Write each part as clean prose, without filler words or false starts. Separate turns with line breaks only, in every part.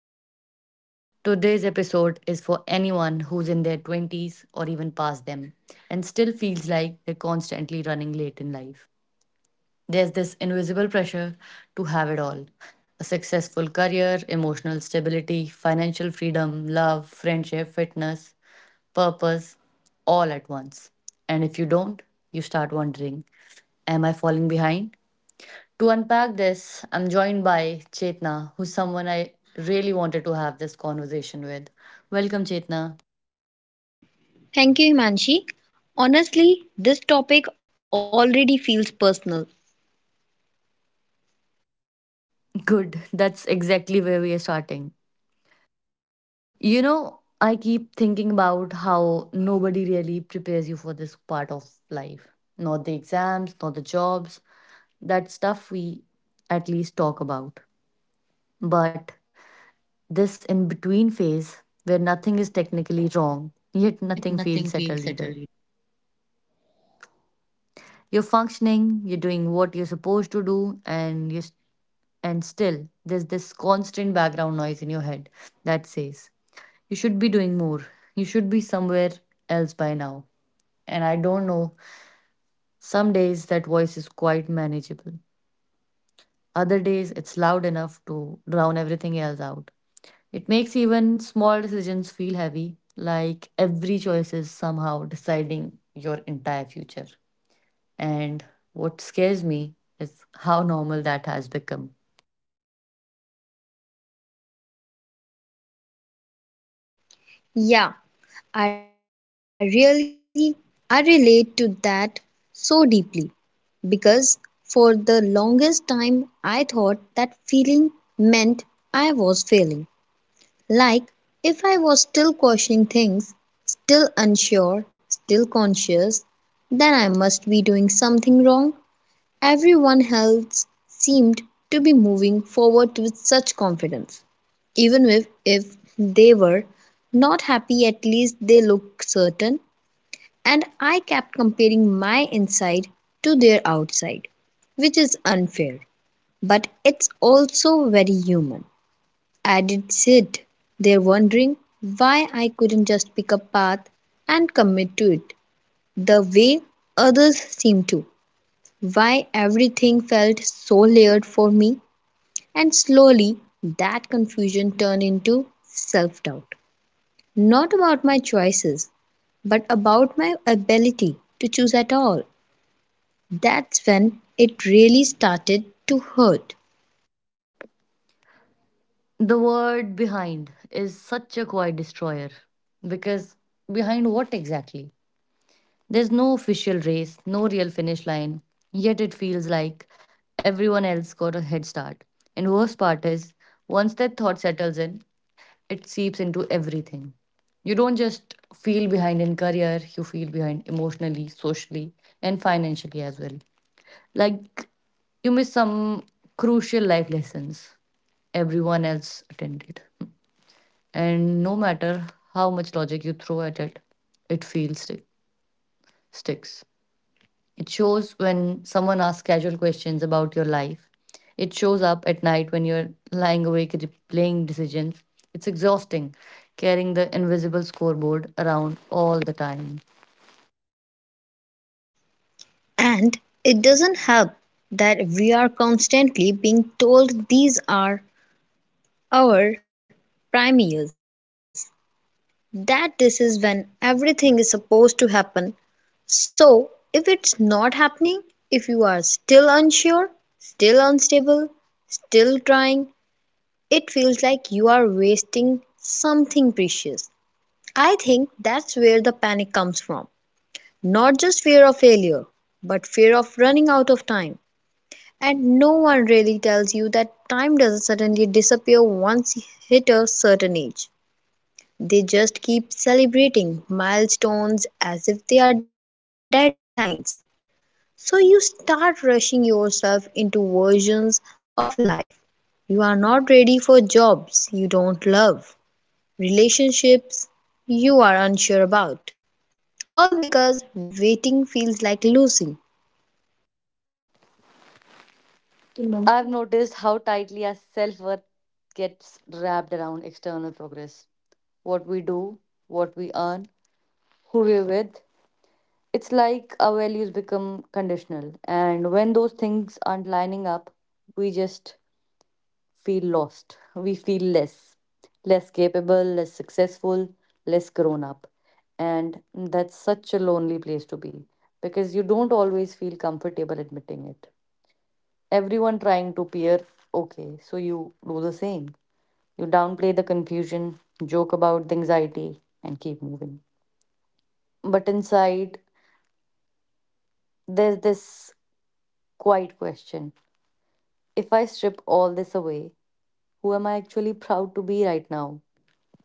podcast. Today's episode is for anyone who's in their 20s or even past them and still feels like they're constantly running late in life. There's this invisible pressure to have it all, a successful career, emotional stability, financial freedom, love, friendship, fitness, purpose, all at once. And if you don't, you start wondering, am I falling behind? To unpack this, I'm joined by Chetna, who's someone I really wanted to have this conversation with. Welcome, Chetna.
Thank you, Himanshi. Honestly, this topic already feels personal.
Good, that's exactly where we are starting. You know, I keep thinking about how nobody really prepares you for this part of life. Not the exams, not the jobs, that stuff we at least talk about. But this in between phase where nothing is technically wrong, yet nothing
Yet
feels
nothing
settled
feels
either.
settled
You're functioning, you're doing what you're supposed to do, and still there's this constant background noise in your head that says you should be doing more. You should be somewhere else by now. And I don't know. Some days that voice is quite manageable. Other days it's loud enough to drown everything else out. It makes even small decisions feel heavy, like every choice is somehow deciding your entire future. And what scares me is how normal that has become.
yet. Yeah, I really I relate to that so deeply because for the longest time I thought that feeling meant I was failing. Like if I was still questioning things, still unsure, still conscious, then I must be doing something wrong. Everyone else seemed to be moving forward with such confidence. Even if they were not happy, at least they looked certain, and I kept comparing my inside to their outside, which is unfair, but it's also very human. I did sit there wondering why I couldn't just pick a path and commit to it the way others seem to, why everything felt so layered for me, and slowly that confusion turned into self doubt. Not about my choices, but about my ability to choose at all. That's when it really started to hurt.
The word behind is such a quiet destroyer because behind what exactly? There's no official race, no real finish line, yet it feels like everyone else got a head start. And worst part is, once that thought settles in, it seeps into everything. You don't just feel behind in career, you feel behind emotionally, socially, and financially as well. Like you miss some crucial life lessons everyone else attended. And no matter how much logic you throw at it, it feels stick sticks. It shows when someone asks casual questions about your life. It shows up at night when you're lying awake replaying decisions. It's exhausting carrying the invisible scoreboard around all the time.
And it doesn't help that we are constantly being told these are our prime years, that this is when everything is supposed to happen. So, if it's not happening, if you are still unsure, still unstable, still trying, it feels like you are wasting something precious. I think that's where the panic comes from. Not just fear of failure, but fear of running out of time. And no one really tells you that time doesn't suddenly disappear once you hit a certain age. They just keep celebrating milestones as if they are deadlines. So you start rushing yourself into versions of life you are not ready for, jobs you don't love, relationships you are unsure about. All because waiting feels like losing.
Mhm. I've noticed how tightly our self worth gets wrapped around external progress. What we do, what we earn, who we're with. It's like our values become conditional. And when those things aren't lining up, we just feel lost. We feel less, less capable, less successful, less grown up. And that's such a lonely place to be because you don't always feel comfortable admitting it. Everyone trying to peer, okay, so you do the same. You downplay the confusion, joke about the anxiety, and keep moving. But inside, there's this quiet question, if I strip all this away, who am I actually proud to be right now?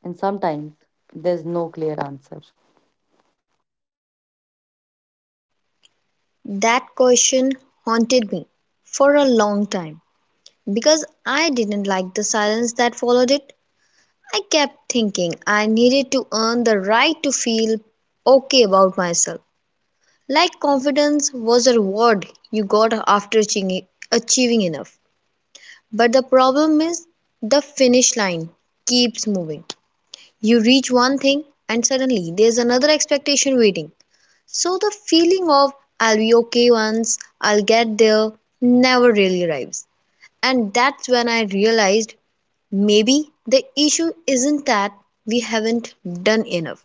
And sometimes there's no clear answer.
That question haunted me for a long time. Because I didn't like the silence that followed it, I kept thinking I needed to earn the right to feel okay about myself. Like confidence was a reward you got after achieving enough. But the problem is, the finish line keeps moving. You reach one thing and suddenly there's another expectation waiting. So the feeling of "I'll be okay once, I'll get there" never really arrives. And that's when I realized maybe the issue isn't that we haven't done enough,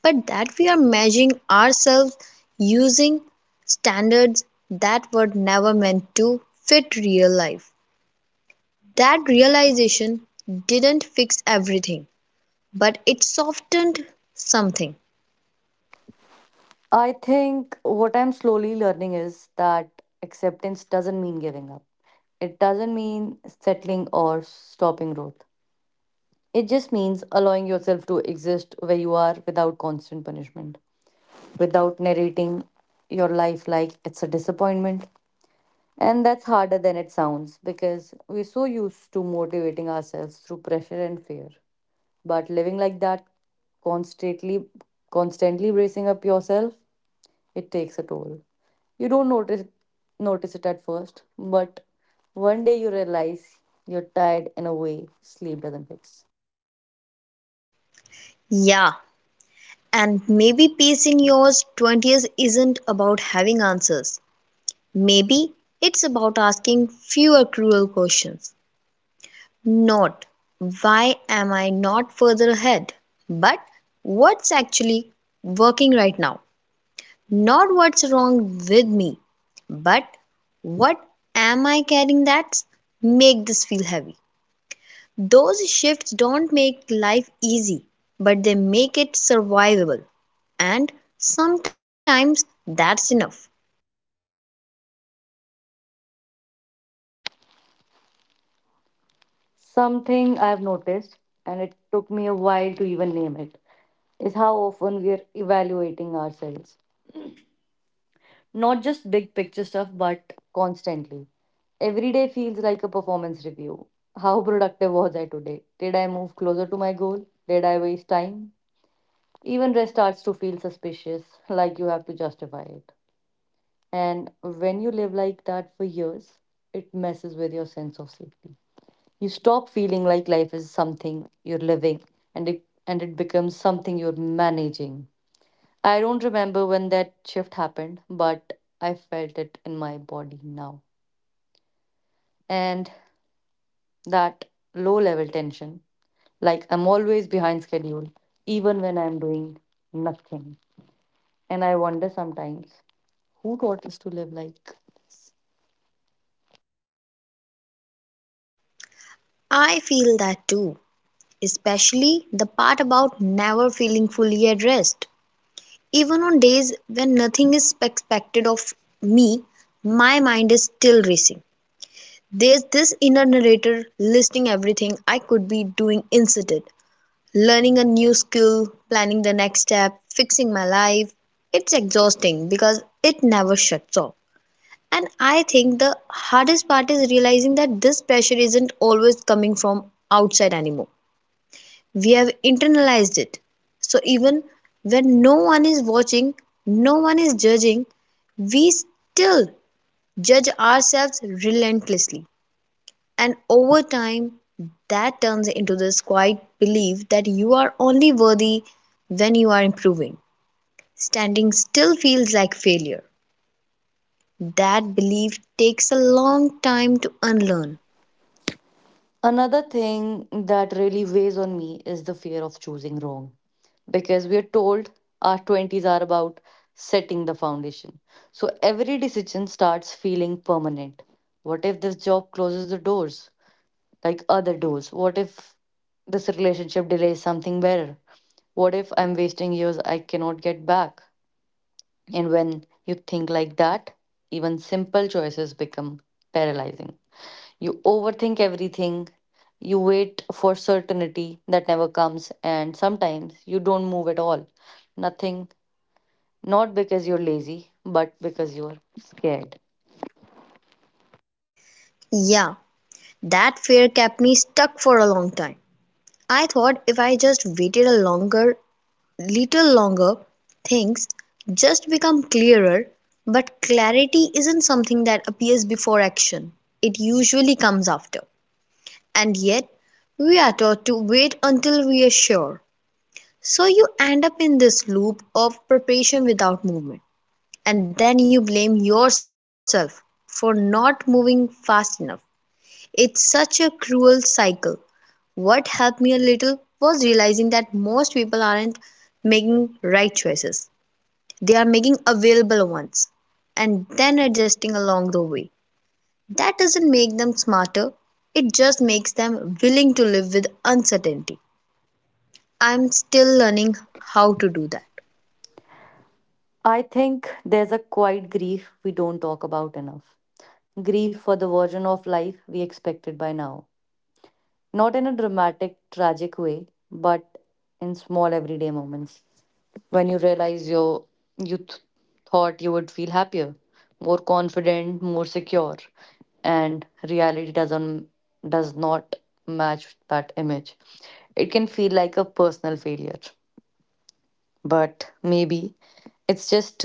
but that we are measuring ourselves using standards that were never meant to fit real life. That realization didn't fix everything, but it softened something.
I think what I'm slowly learning is that acceptance doesn't mean giving up. It doesn't mean settling or stopping growth. It just means allowing yourself to exist where you are without constant punishment, without narrating your life like it's a disappointment. And that's harder than it sounds because we're so used to motivating ourselves through pressure and fear. But living like that, constantly, constantly bracing up yourself, it takes a toll. You don't notice it at first, but one day you realize you're tired in a way sleep doesn't fix.
Yeah, and maybe peace in your 20s isn't about having answers. Maybe it's about asking fewer cruel questions. Not why am I not further ahead, but what's actually working right now. Not what's wrong with me, but what am I carrying that make this feel heavy. Those shifts don't make life easy, but they make it survivable, and sometimes that's enough.
Something I've noticed, and it took me a while to even name it, is how often we are evaluating ourselves. Not just big picture stuff, but constantly. Every day feels like a performance review. How productive was I today? Did I move closer to my goal? Did I waste time? Even rest starts to feel suspicious, like you have to justify it. And when you live like that for years, it messes with your sense of safety. You stop feeling like life is something you're living and it becomes something you're managing. I don't remember when that shift happened, but I felt it in my body now. And that low level tension, like I'm always behind schedule, even when I'm doing nothing. And I wonder sometimes who taught us to live like.
I feel that too, especially the part about never feeling fully at rest. Even on days when nothing is expected of me, my mind is still racing. There's this inner narrator listing everything I could be doing instead, learning a new skill, planning the next step, fixing my life. It's exhausting because it never shuts off. And I think the hardest part is realizing that this pressure isn't always coming from outside anymore. We have internalized it, so even when no one is watching, no one is judging, we still judge ourselves relentlessly. And over time, that turns into this quiet belief that you are only worthy when you are improving. Standing still feels like failure. That belief takes a long time to unlearn.
Another thing that really weighs on me is the fear of choosing wrong because we are told our 20s are about setting the foundation. So every decision starts feeling permanent. What if this job closes the doors, like other doors? What if this relationship delays something better? What if I'm wasting years I cannot get back? And when you think like that, even simple choices become paralyzing. You overthink everything. You wait for certainty that never comes, and sometimes you don't move at all. Nothing, not because you're lazy, but because you're scared.
Yeah, that fear kept me stuck for a long time. I thought if I just waited a longer little longer, things just become clearer. But clarity isn't something that appears before action, it usually comes after. And yet, we are taught to wait until we are sure. So you end up in this loop of preparation without movement, and then you blame yourself for not moving fast enough. It's such a cruel cycle. What helped me a little was realizing that most people aren't making right choices. They are making available ones and then adjusting along the way. That doesn't make them smarter, it just makes them willing to live with uncertainty. I'm still learning how to do that.
I think there's a quiet grief we don't talk about enough. Grief for the version of life we expected by now. Not in a dramatic, tragic way, but in small everyday moments. When you realize you th- thought you would feel happier, more confident, more secure, and reality does not match that image, it can feel like a personal failure. But maybe it's just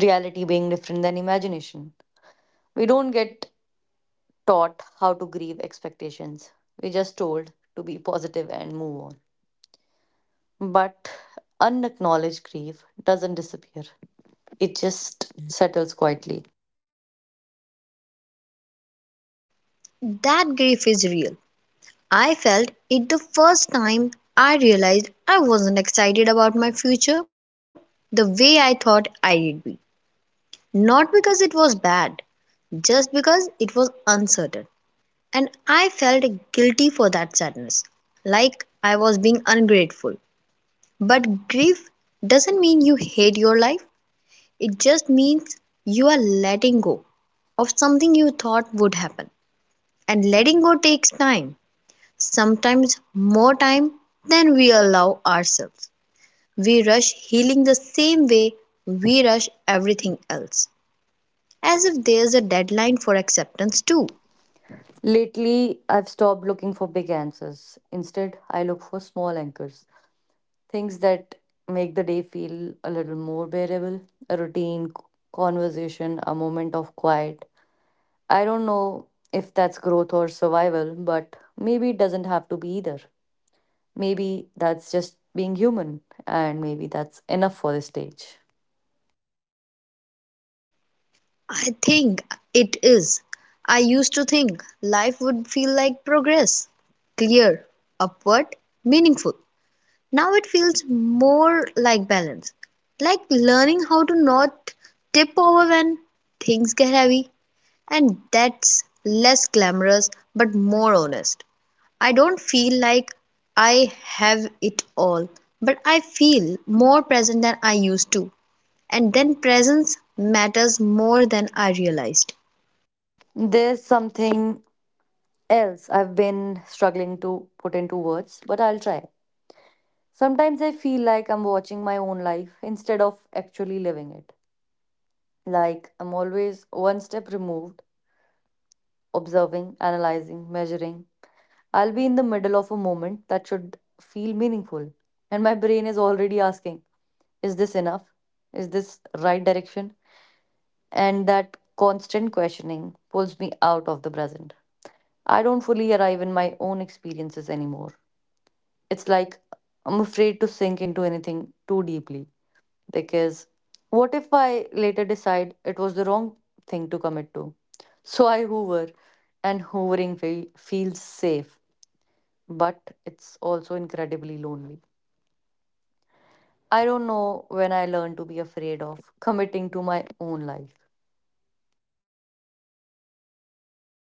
reality being different than imagination. We don't get taught how to grieve expectations, we just told to be positive and move on. But unacknowledged grief doesn't disappear, it just settles quietly.
That grief is real. I felt it the first time I realized I wasn't excited about my future the way I thought I'd be. Not because it was bad, just because it was uncertain. And I felt guilty for that sadness, like I was being ungrateful. But grief doesn't mean you hate your life, it just means you are letting go of something you thought would happen. And letting go takes time, sometimes more time than we allow ourselves. We rush healing the same way we rush everything else, as if there's a deadline for acceptance, too.
Lately, I've stopped looking for big answers. Instead, I look for small anchors, things that make the day feel a little more bearable, a routine, conversation, a moment of quiet. I don't know if that's growth or survival, but maybe it doesn't have to be either. Maybe that's just being human, and maybe that's enough for this stage.
I think it is. I used to think life would feel like progress, clear, upward, meaningful. Now it feels more like balance, like learning how to not tip over when things get heavy, and that's less glamorous but more honest. I don't feel like I have it all, but I feel more present than I used to, and then presence matters more than I realized.
There's something else I've been struggling to put into words, but I'll try. Sometimes I feel like I'm watching my own life instead of actually living it. Like I'm always one step removed, observing, analyzing, measuring. I'll be in the middle of a moment that should feel meaningful. And my brain is already asking, is this enough? Is this right direction? And that constant questioning pulls me out of the present. I don't fully arrive in my own experiences anymore. It's like I'm afraid to sink into anything too deeply because what if I later decide it was the wrong thing to commit to? So I hoover, and feels safe, but it's also incredibly lonely. I don't know when I learned to be afraid of committing to my own life.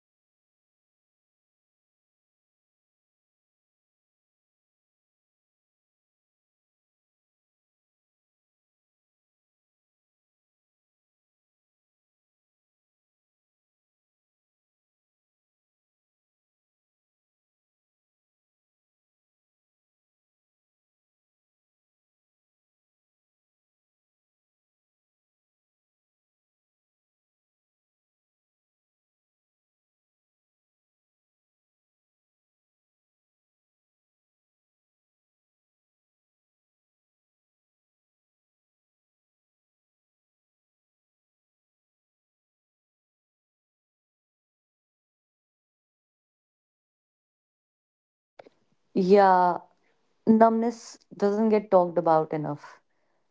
That really resonates with me. I think moving that has become a coping mechanism for a lot of us. If you don't fully commit, you don't fully fail. You keep your options open, your identity flexible. But the cost of that is disconnection. You are never fully here, never fully invested. And over time, that creates this numbness. Nothing feels terrible, but nothing feels deeply good either. I didn't realize how detached I'd become until I noticed how little I reacted to things that used to excite me. Not sadness, just flatness. And that scared me more than anxiety ever did.
Yeah, numbness doesn't get talked about enough.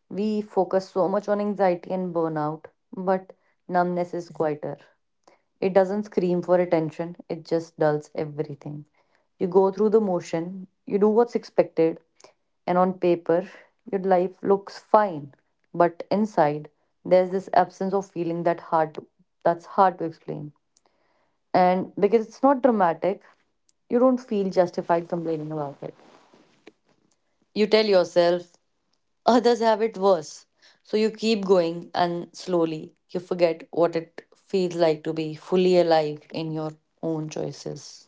We focus so much on anxiety and burnout, but numbness is quieter. It doesn't scream for attention, it just dulls everything. You go through the motion, you do what's expected, and on paper, your life looks fine. But inside, there's this absence of feeling that hard to, that's hard to explain. And because it's not dramatic, you don't feel justified complaining about it. You tell yourself others have it worse. So you keep going, and slowly you forget what it feels like to be fully alive in your own choices.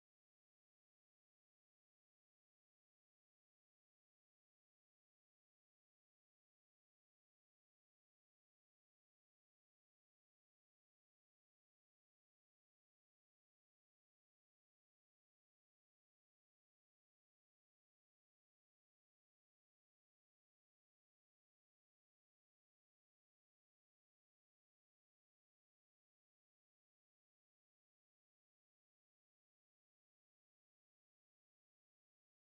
I think numbness comes from caring too much for too long, too many expectations, too many comparisons, too many shoulds. Eventually, your system just shuts something down to survive. And the sad part is, we sometimes mistake that for maturity. We call it being realistic, being grounded, but really it's exhaustion. I had to admit that I wasn't calm. I was just tired.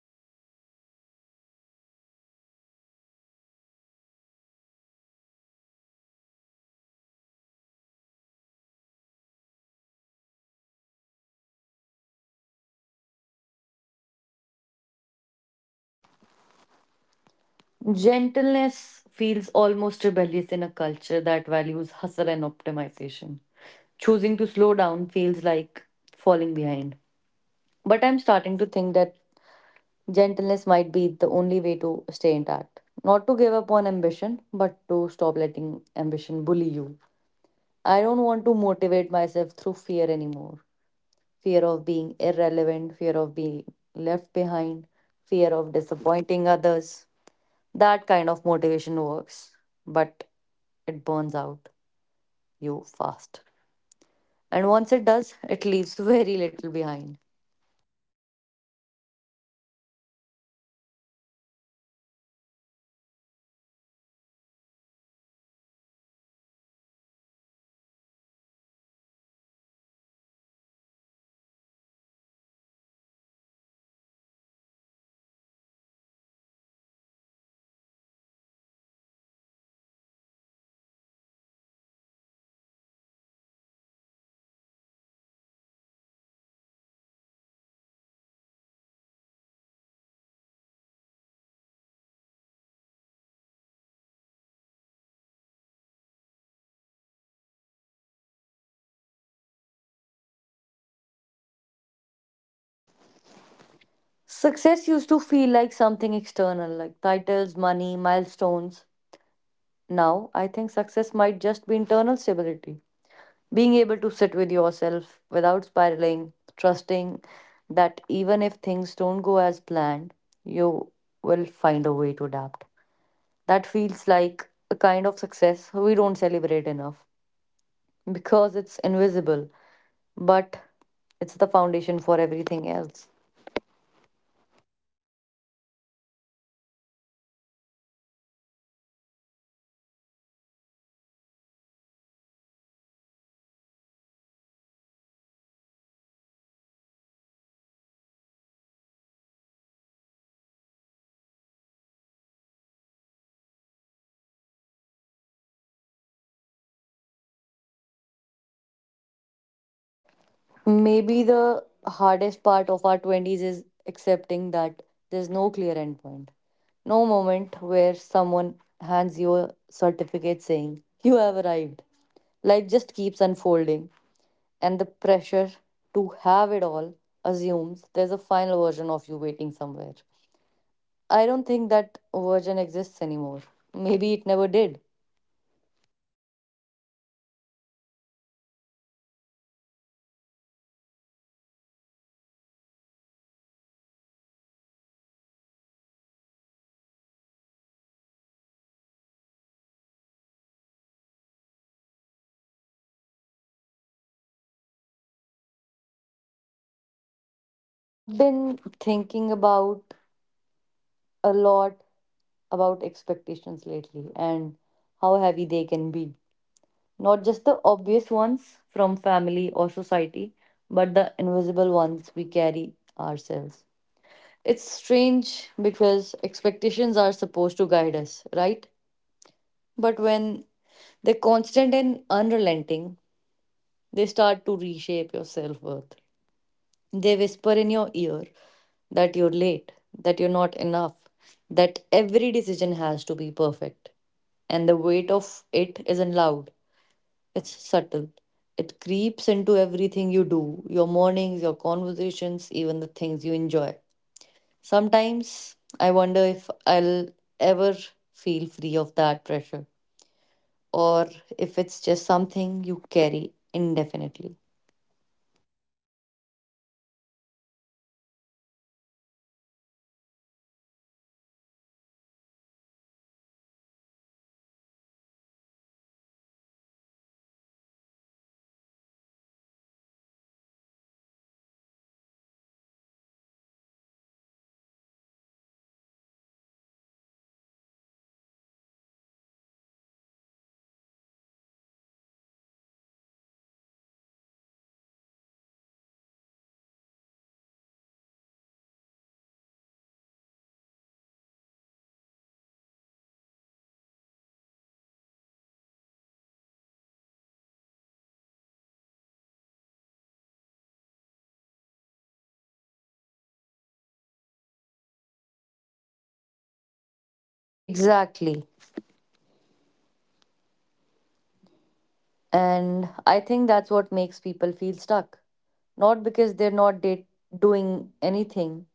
Tired of hoping, tired of planning, tired of being disappointed by man, by my own timeliness. That realization was uncomfortable, but also clarifying. It made me realize how much gentleness I actually did.
Gentleness feels almost rebellious in a culture that values hustle and optimization. Choosing to slow down feels like falling behind. But I'm starting to think that gentleness might be the only way to stay intact. Not to give up on ambition, but to stop letting ambition bully you. I don't want to motivate myself through fear anymore. Fear of being irrelevant, fear of being left behind, fear of disappointing others. That kind of motivation works, but it burns out you fast. And once it does, it leaves very little behind.
I agree. For a long time, I thought being hard on myself was necessary. Like if I eased up, I did lose momentum and ruin everything. But all that harshness did was make me afraid of my own life, afraid to try, afraid to rest, afraid to fail. Gentleness doesn't make you weaker, it makes you safer with yourself. And when you feel safe, you are more willing to take risks. Not reckless ones, but ones honest. The kind that comes from curiosity, not panic.
Success used to feel like something external, like titles, money, milestones. Now, I think success might just be internal stability. Being able to sit with yourself without spiraling, trusting that even if things don't go as planned, you will find a way to adapt. That feels like a kind of success we don't celebrate enough because it's invisible, but it's the foundation for everything else.
Yeah, I think we confuse visibility with value. Just because something can't be posted or measured doesn't mean it doesn't matter. Learning how to regulate your emotions, learning how to recover from disappointment, learning how to stay open instead of shutting down. Those are life skills too. They just don't come with applause.
Maybe the hardest part of our 20s is accepting that there's no clear endpoint. No moment where someone hands you a certificate saying, you have arrived. Life just keeps unfolding, and the pressure to have it all assumes there's a final version of you waiting somewhere. I don't think that version exists anymore. Maybe it never did.
And maybe that's okay. Maybe the goal isn't to arrive, but to stay open, to keep adjusting, learning, changing. That doesn't mean chaos, it means flexibility. And flexibility might be more useful than certainty in a world that keeps shifting.
I've been thinking about a lot about expectations lately and how heavy they can be. Not just the obvious ones from family or society, but the invisible ones we carry ourselves. It's strange because expectations are supposed to guide us, right? But when they're constant and unrelenting, they start to reshape your self worth. They whisper in your ear that you're late, that you're not enough, that every decision has to be perfect. And the weight of it isn't loud, it's subtle. It creeps into everything you do, your mornings, your conversations, even the things you enjoy. Sometimes I wonder if I'll ever feel free of that pressure or if it's just something you carry indefinitely.
Yeah, I feel that too. And the thing is, it's exhausting to even notice it because you start questioning yourself constantly. Am I living enough? Am I trying hard enough? Am I making the right choices? And those questions are not about improving, they are about judging. I've realized that a lot of our anxiety comes not from reality, but from measuring ourselves against an imaginary standard, a life that isn't ours. And even when I tell myself, this doesn't matter, the mind keeps replaying it, looping over every missed opportunity or delayed milestone. It's trying emotionally draining in a way that's hard to describe.
Exactly. And I think that's what makes people feel stuck. Not because they're not date doing anything,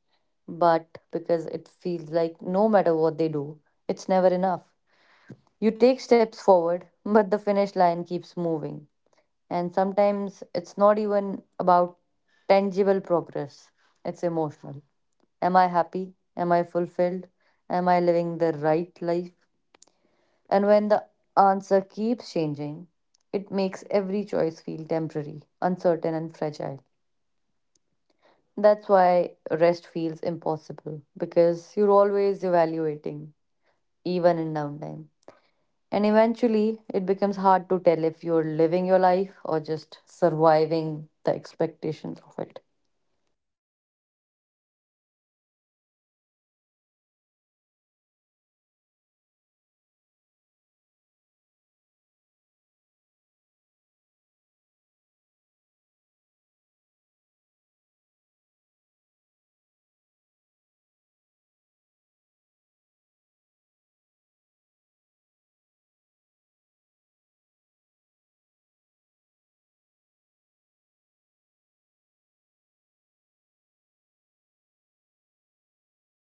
but because it feels like no matter what they do, it's never enough. You take steps forward, but the finish line keeps moving. And sometimes it's not even about tangible progress, it's emotional. Am I happy? Am I fulfilled? Am I living the right life? And when the answer keeps changing, it makes every choice feel temporary, uncertain, and fragile. That's why rest feels impossible because you're always evaluating, even in downtime. And eventually, it becomes hard to tell if you're living your life or just surviving the expectations of it.
Yes, that's exactly it. I think that's why people in their 20s are so emotionally fatigued without anyone realizing it. We are constantly negotiating with ourselves. What do I want versus what I'm supposed to want? It's like being stuck between realities. And the danger is that we start prioritizing what looks right over what feels right.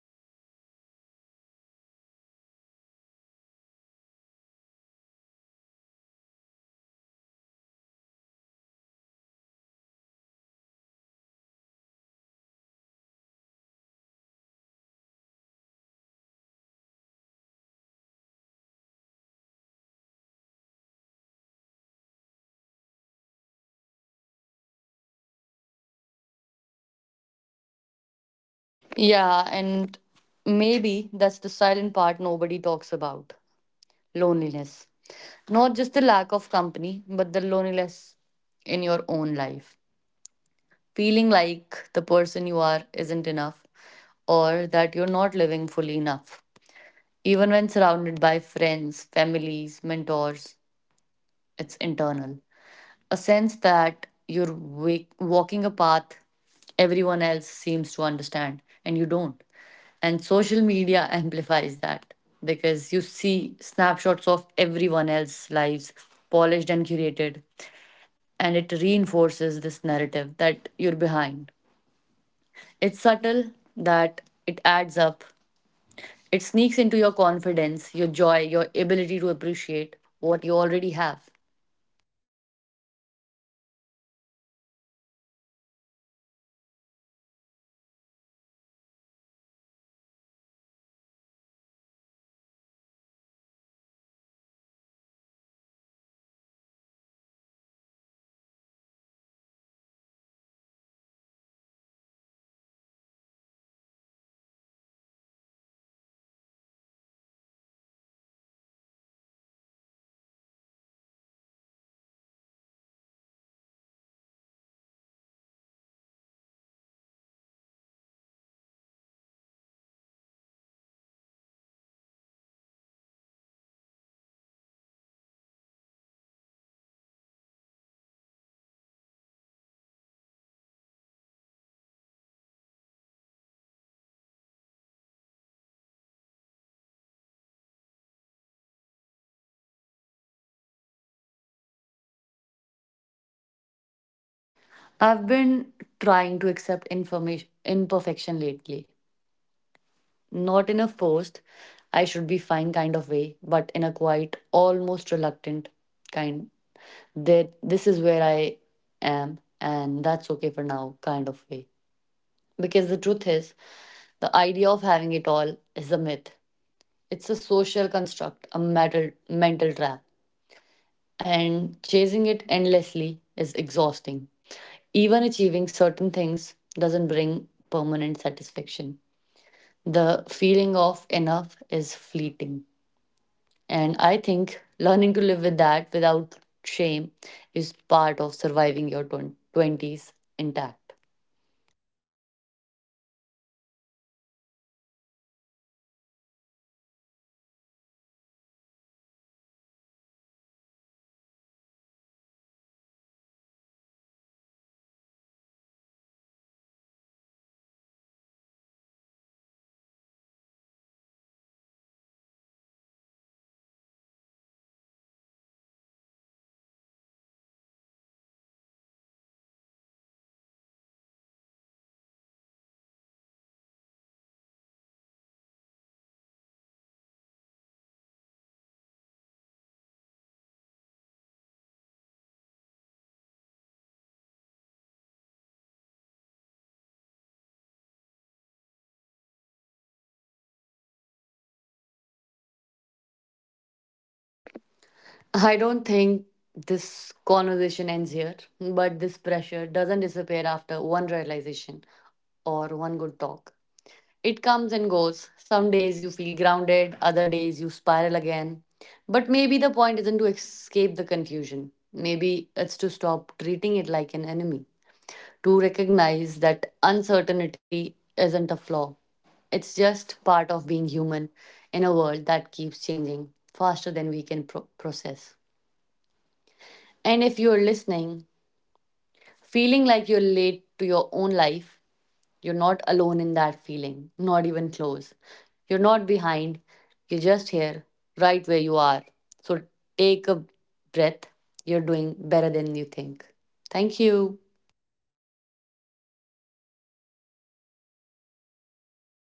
We choose jobs, relationships, even hobbies based on external validation or perceived timeliness. And that slowly erodes your connection to yourself. I've had moments where I couldn't even identify what I genuinely wanted because I was so busy performing my life according to other people's standards. And when that realization hits, it's lonely.
Yeah, and maybe that's the silent part nobody talks about. Loneliness. Not just the lack of company, but the loneliness in your own life. Feeling like the person you are isn't enough or that you're not living fully enough. Even when surrounded by friends, families, mentors, it's internal, a sense that walking a path everyone else seems to understand and you don't. And social media amplifies that because you see snapshots of everyone else's lives, polished and curated, and it reinforces this narrative that you're behind. It's subtle that it adds up. It sneaks into your confidence, your joy, your ability to appreciate what you already have.
Yeah, social media is brutal for this. I try to remind myself that I'm only seeing moments, but even knowing that it still hurts. It creates a constant comparison loop, and sometimes I feel guilty for feel inadequate because I know the real story is different, but my brain doesn't care. It's an emotional gut punch, not a rational thought. And after years of this, you start questioning not just your life trajectory, but your own identity. Who am I if haven't reached the milestones I thought I would by now? And the scary thing is, there isn't a single answer. There's just living and figuring it out. And sometimes failing in ways that feel small and invisible, but also enormous in your head.
I've been trying to accept information imperfection lately. Not in a forced, I should be fine kind of way, but in a quiet, almost reluctant kind, that this is where I am and that's okay for now kind of way. Because the truth is, the idea of having it all is a myth. It's a social construct, a mental trap. And chasing it endlessly is exhausting. Even achieving certain things doesn't bring permanent satisfaction. The feeling of enough is fleeting. And I think learning to live with that without shame is part of surviving your 20s intact.
Exactly. And it's not about giving up on ambition or growth, it's about pacing yourself. Acknowledging your efforts, even if the results are not perfect, recognizing the small wins, being present in the moments that feel mandatory but are shaping you anyway. It's not flashy, but it's real. And I think that's what we forget. L- Life isn't a highlight reel, it's a series of imperfect, messy, sometimes confusing steps. And if we can honor those steps without judgment, we might actually start feeling a light, little lighter. Not complete, not finished, but a little lighter.
I don't think this conversation ends here, but this pressure doesn't disappear after one realization or one good talk. It comes and goes. Some days you feel grounded, other days you spiral again. But maybe the point isn't to escape the confusion. Maybe it's to stop treating it like an enemy, to recognize that uncertainty isn't a flaw. It's just part of being human in a world that keeps changing faster than we can process. And if you're listening, feeling like you're late to your own life, you're not alone in that feeling, not even close. You're not behind, you're just here, right where you are. So take a breath. You're doing better than you think. Thank you.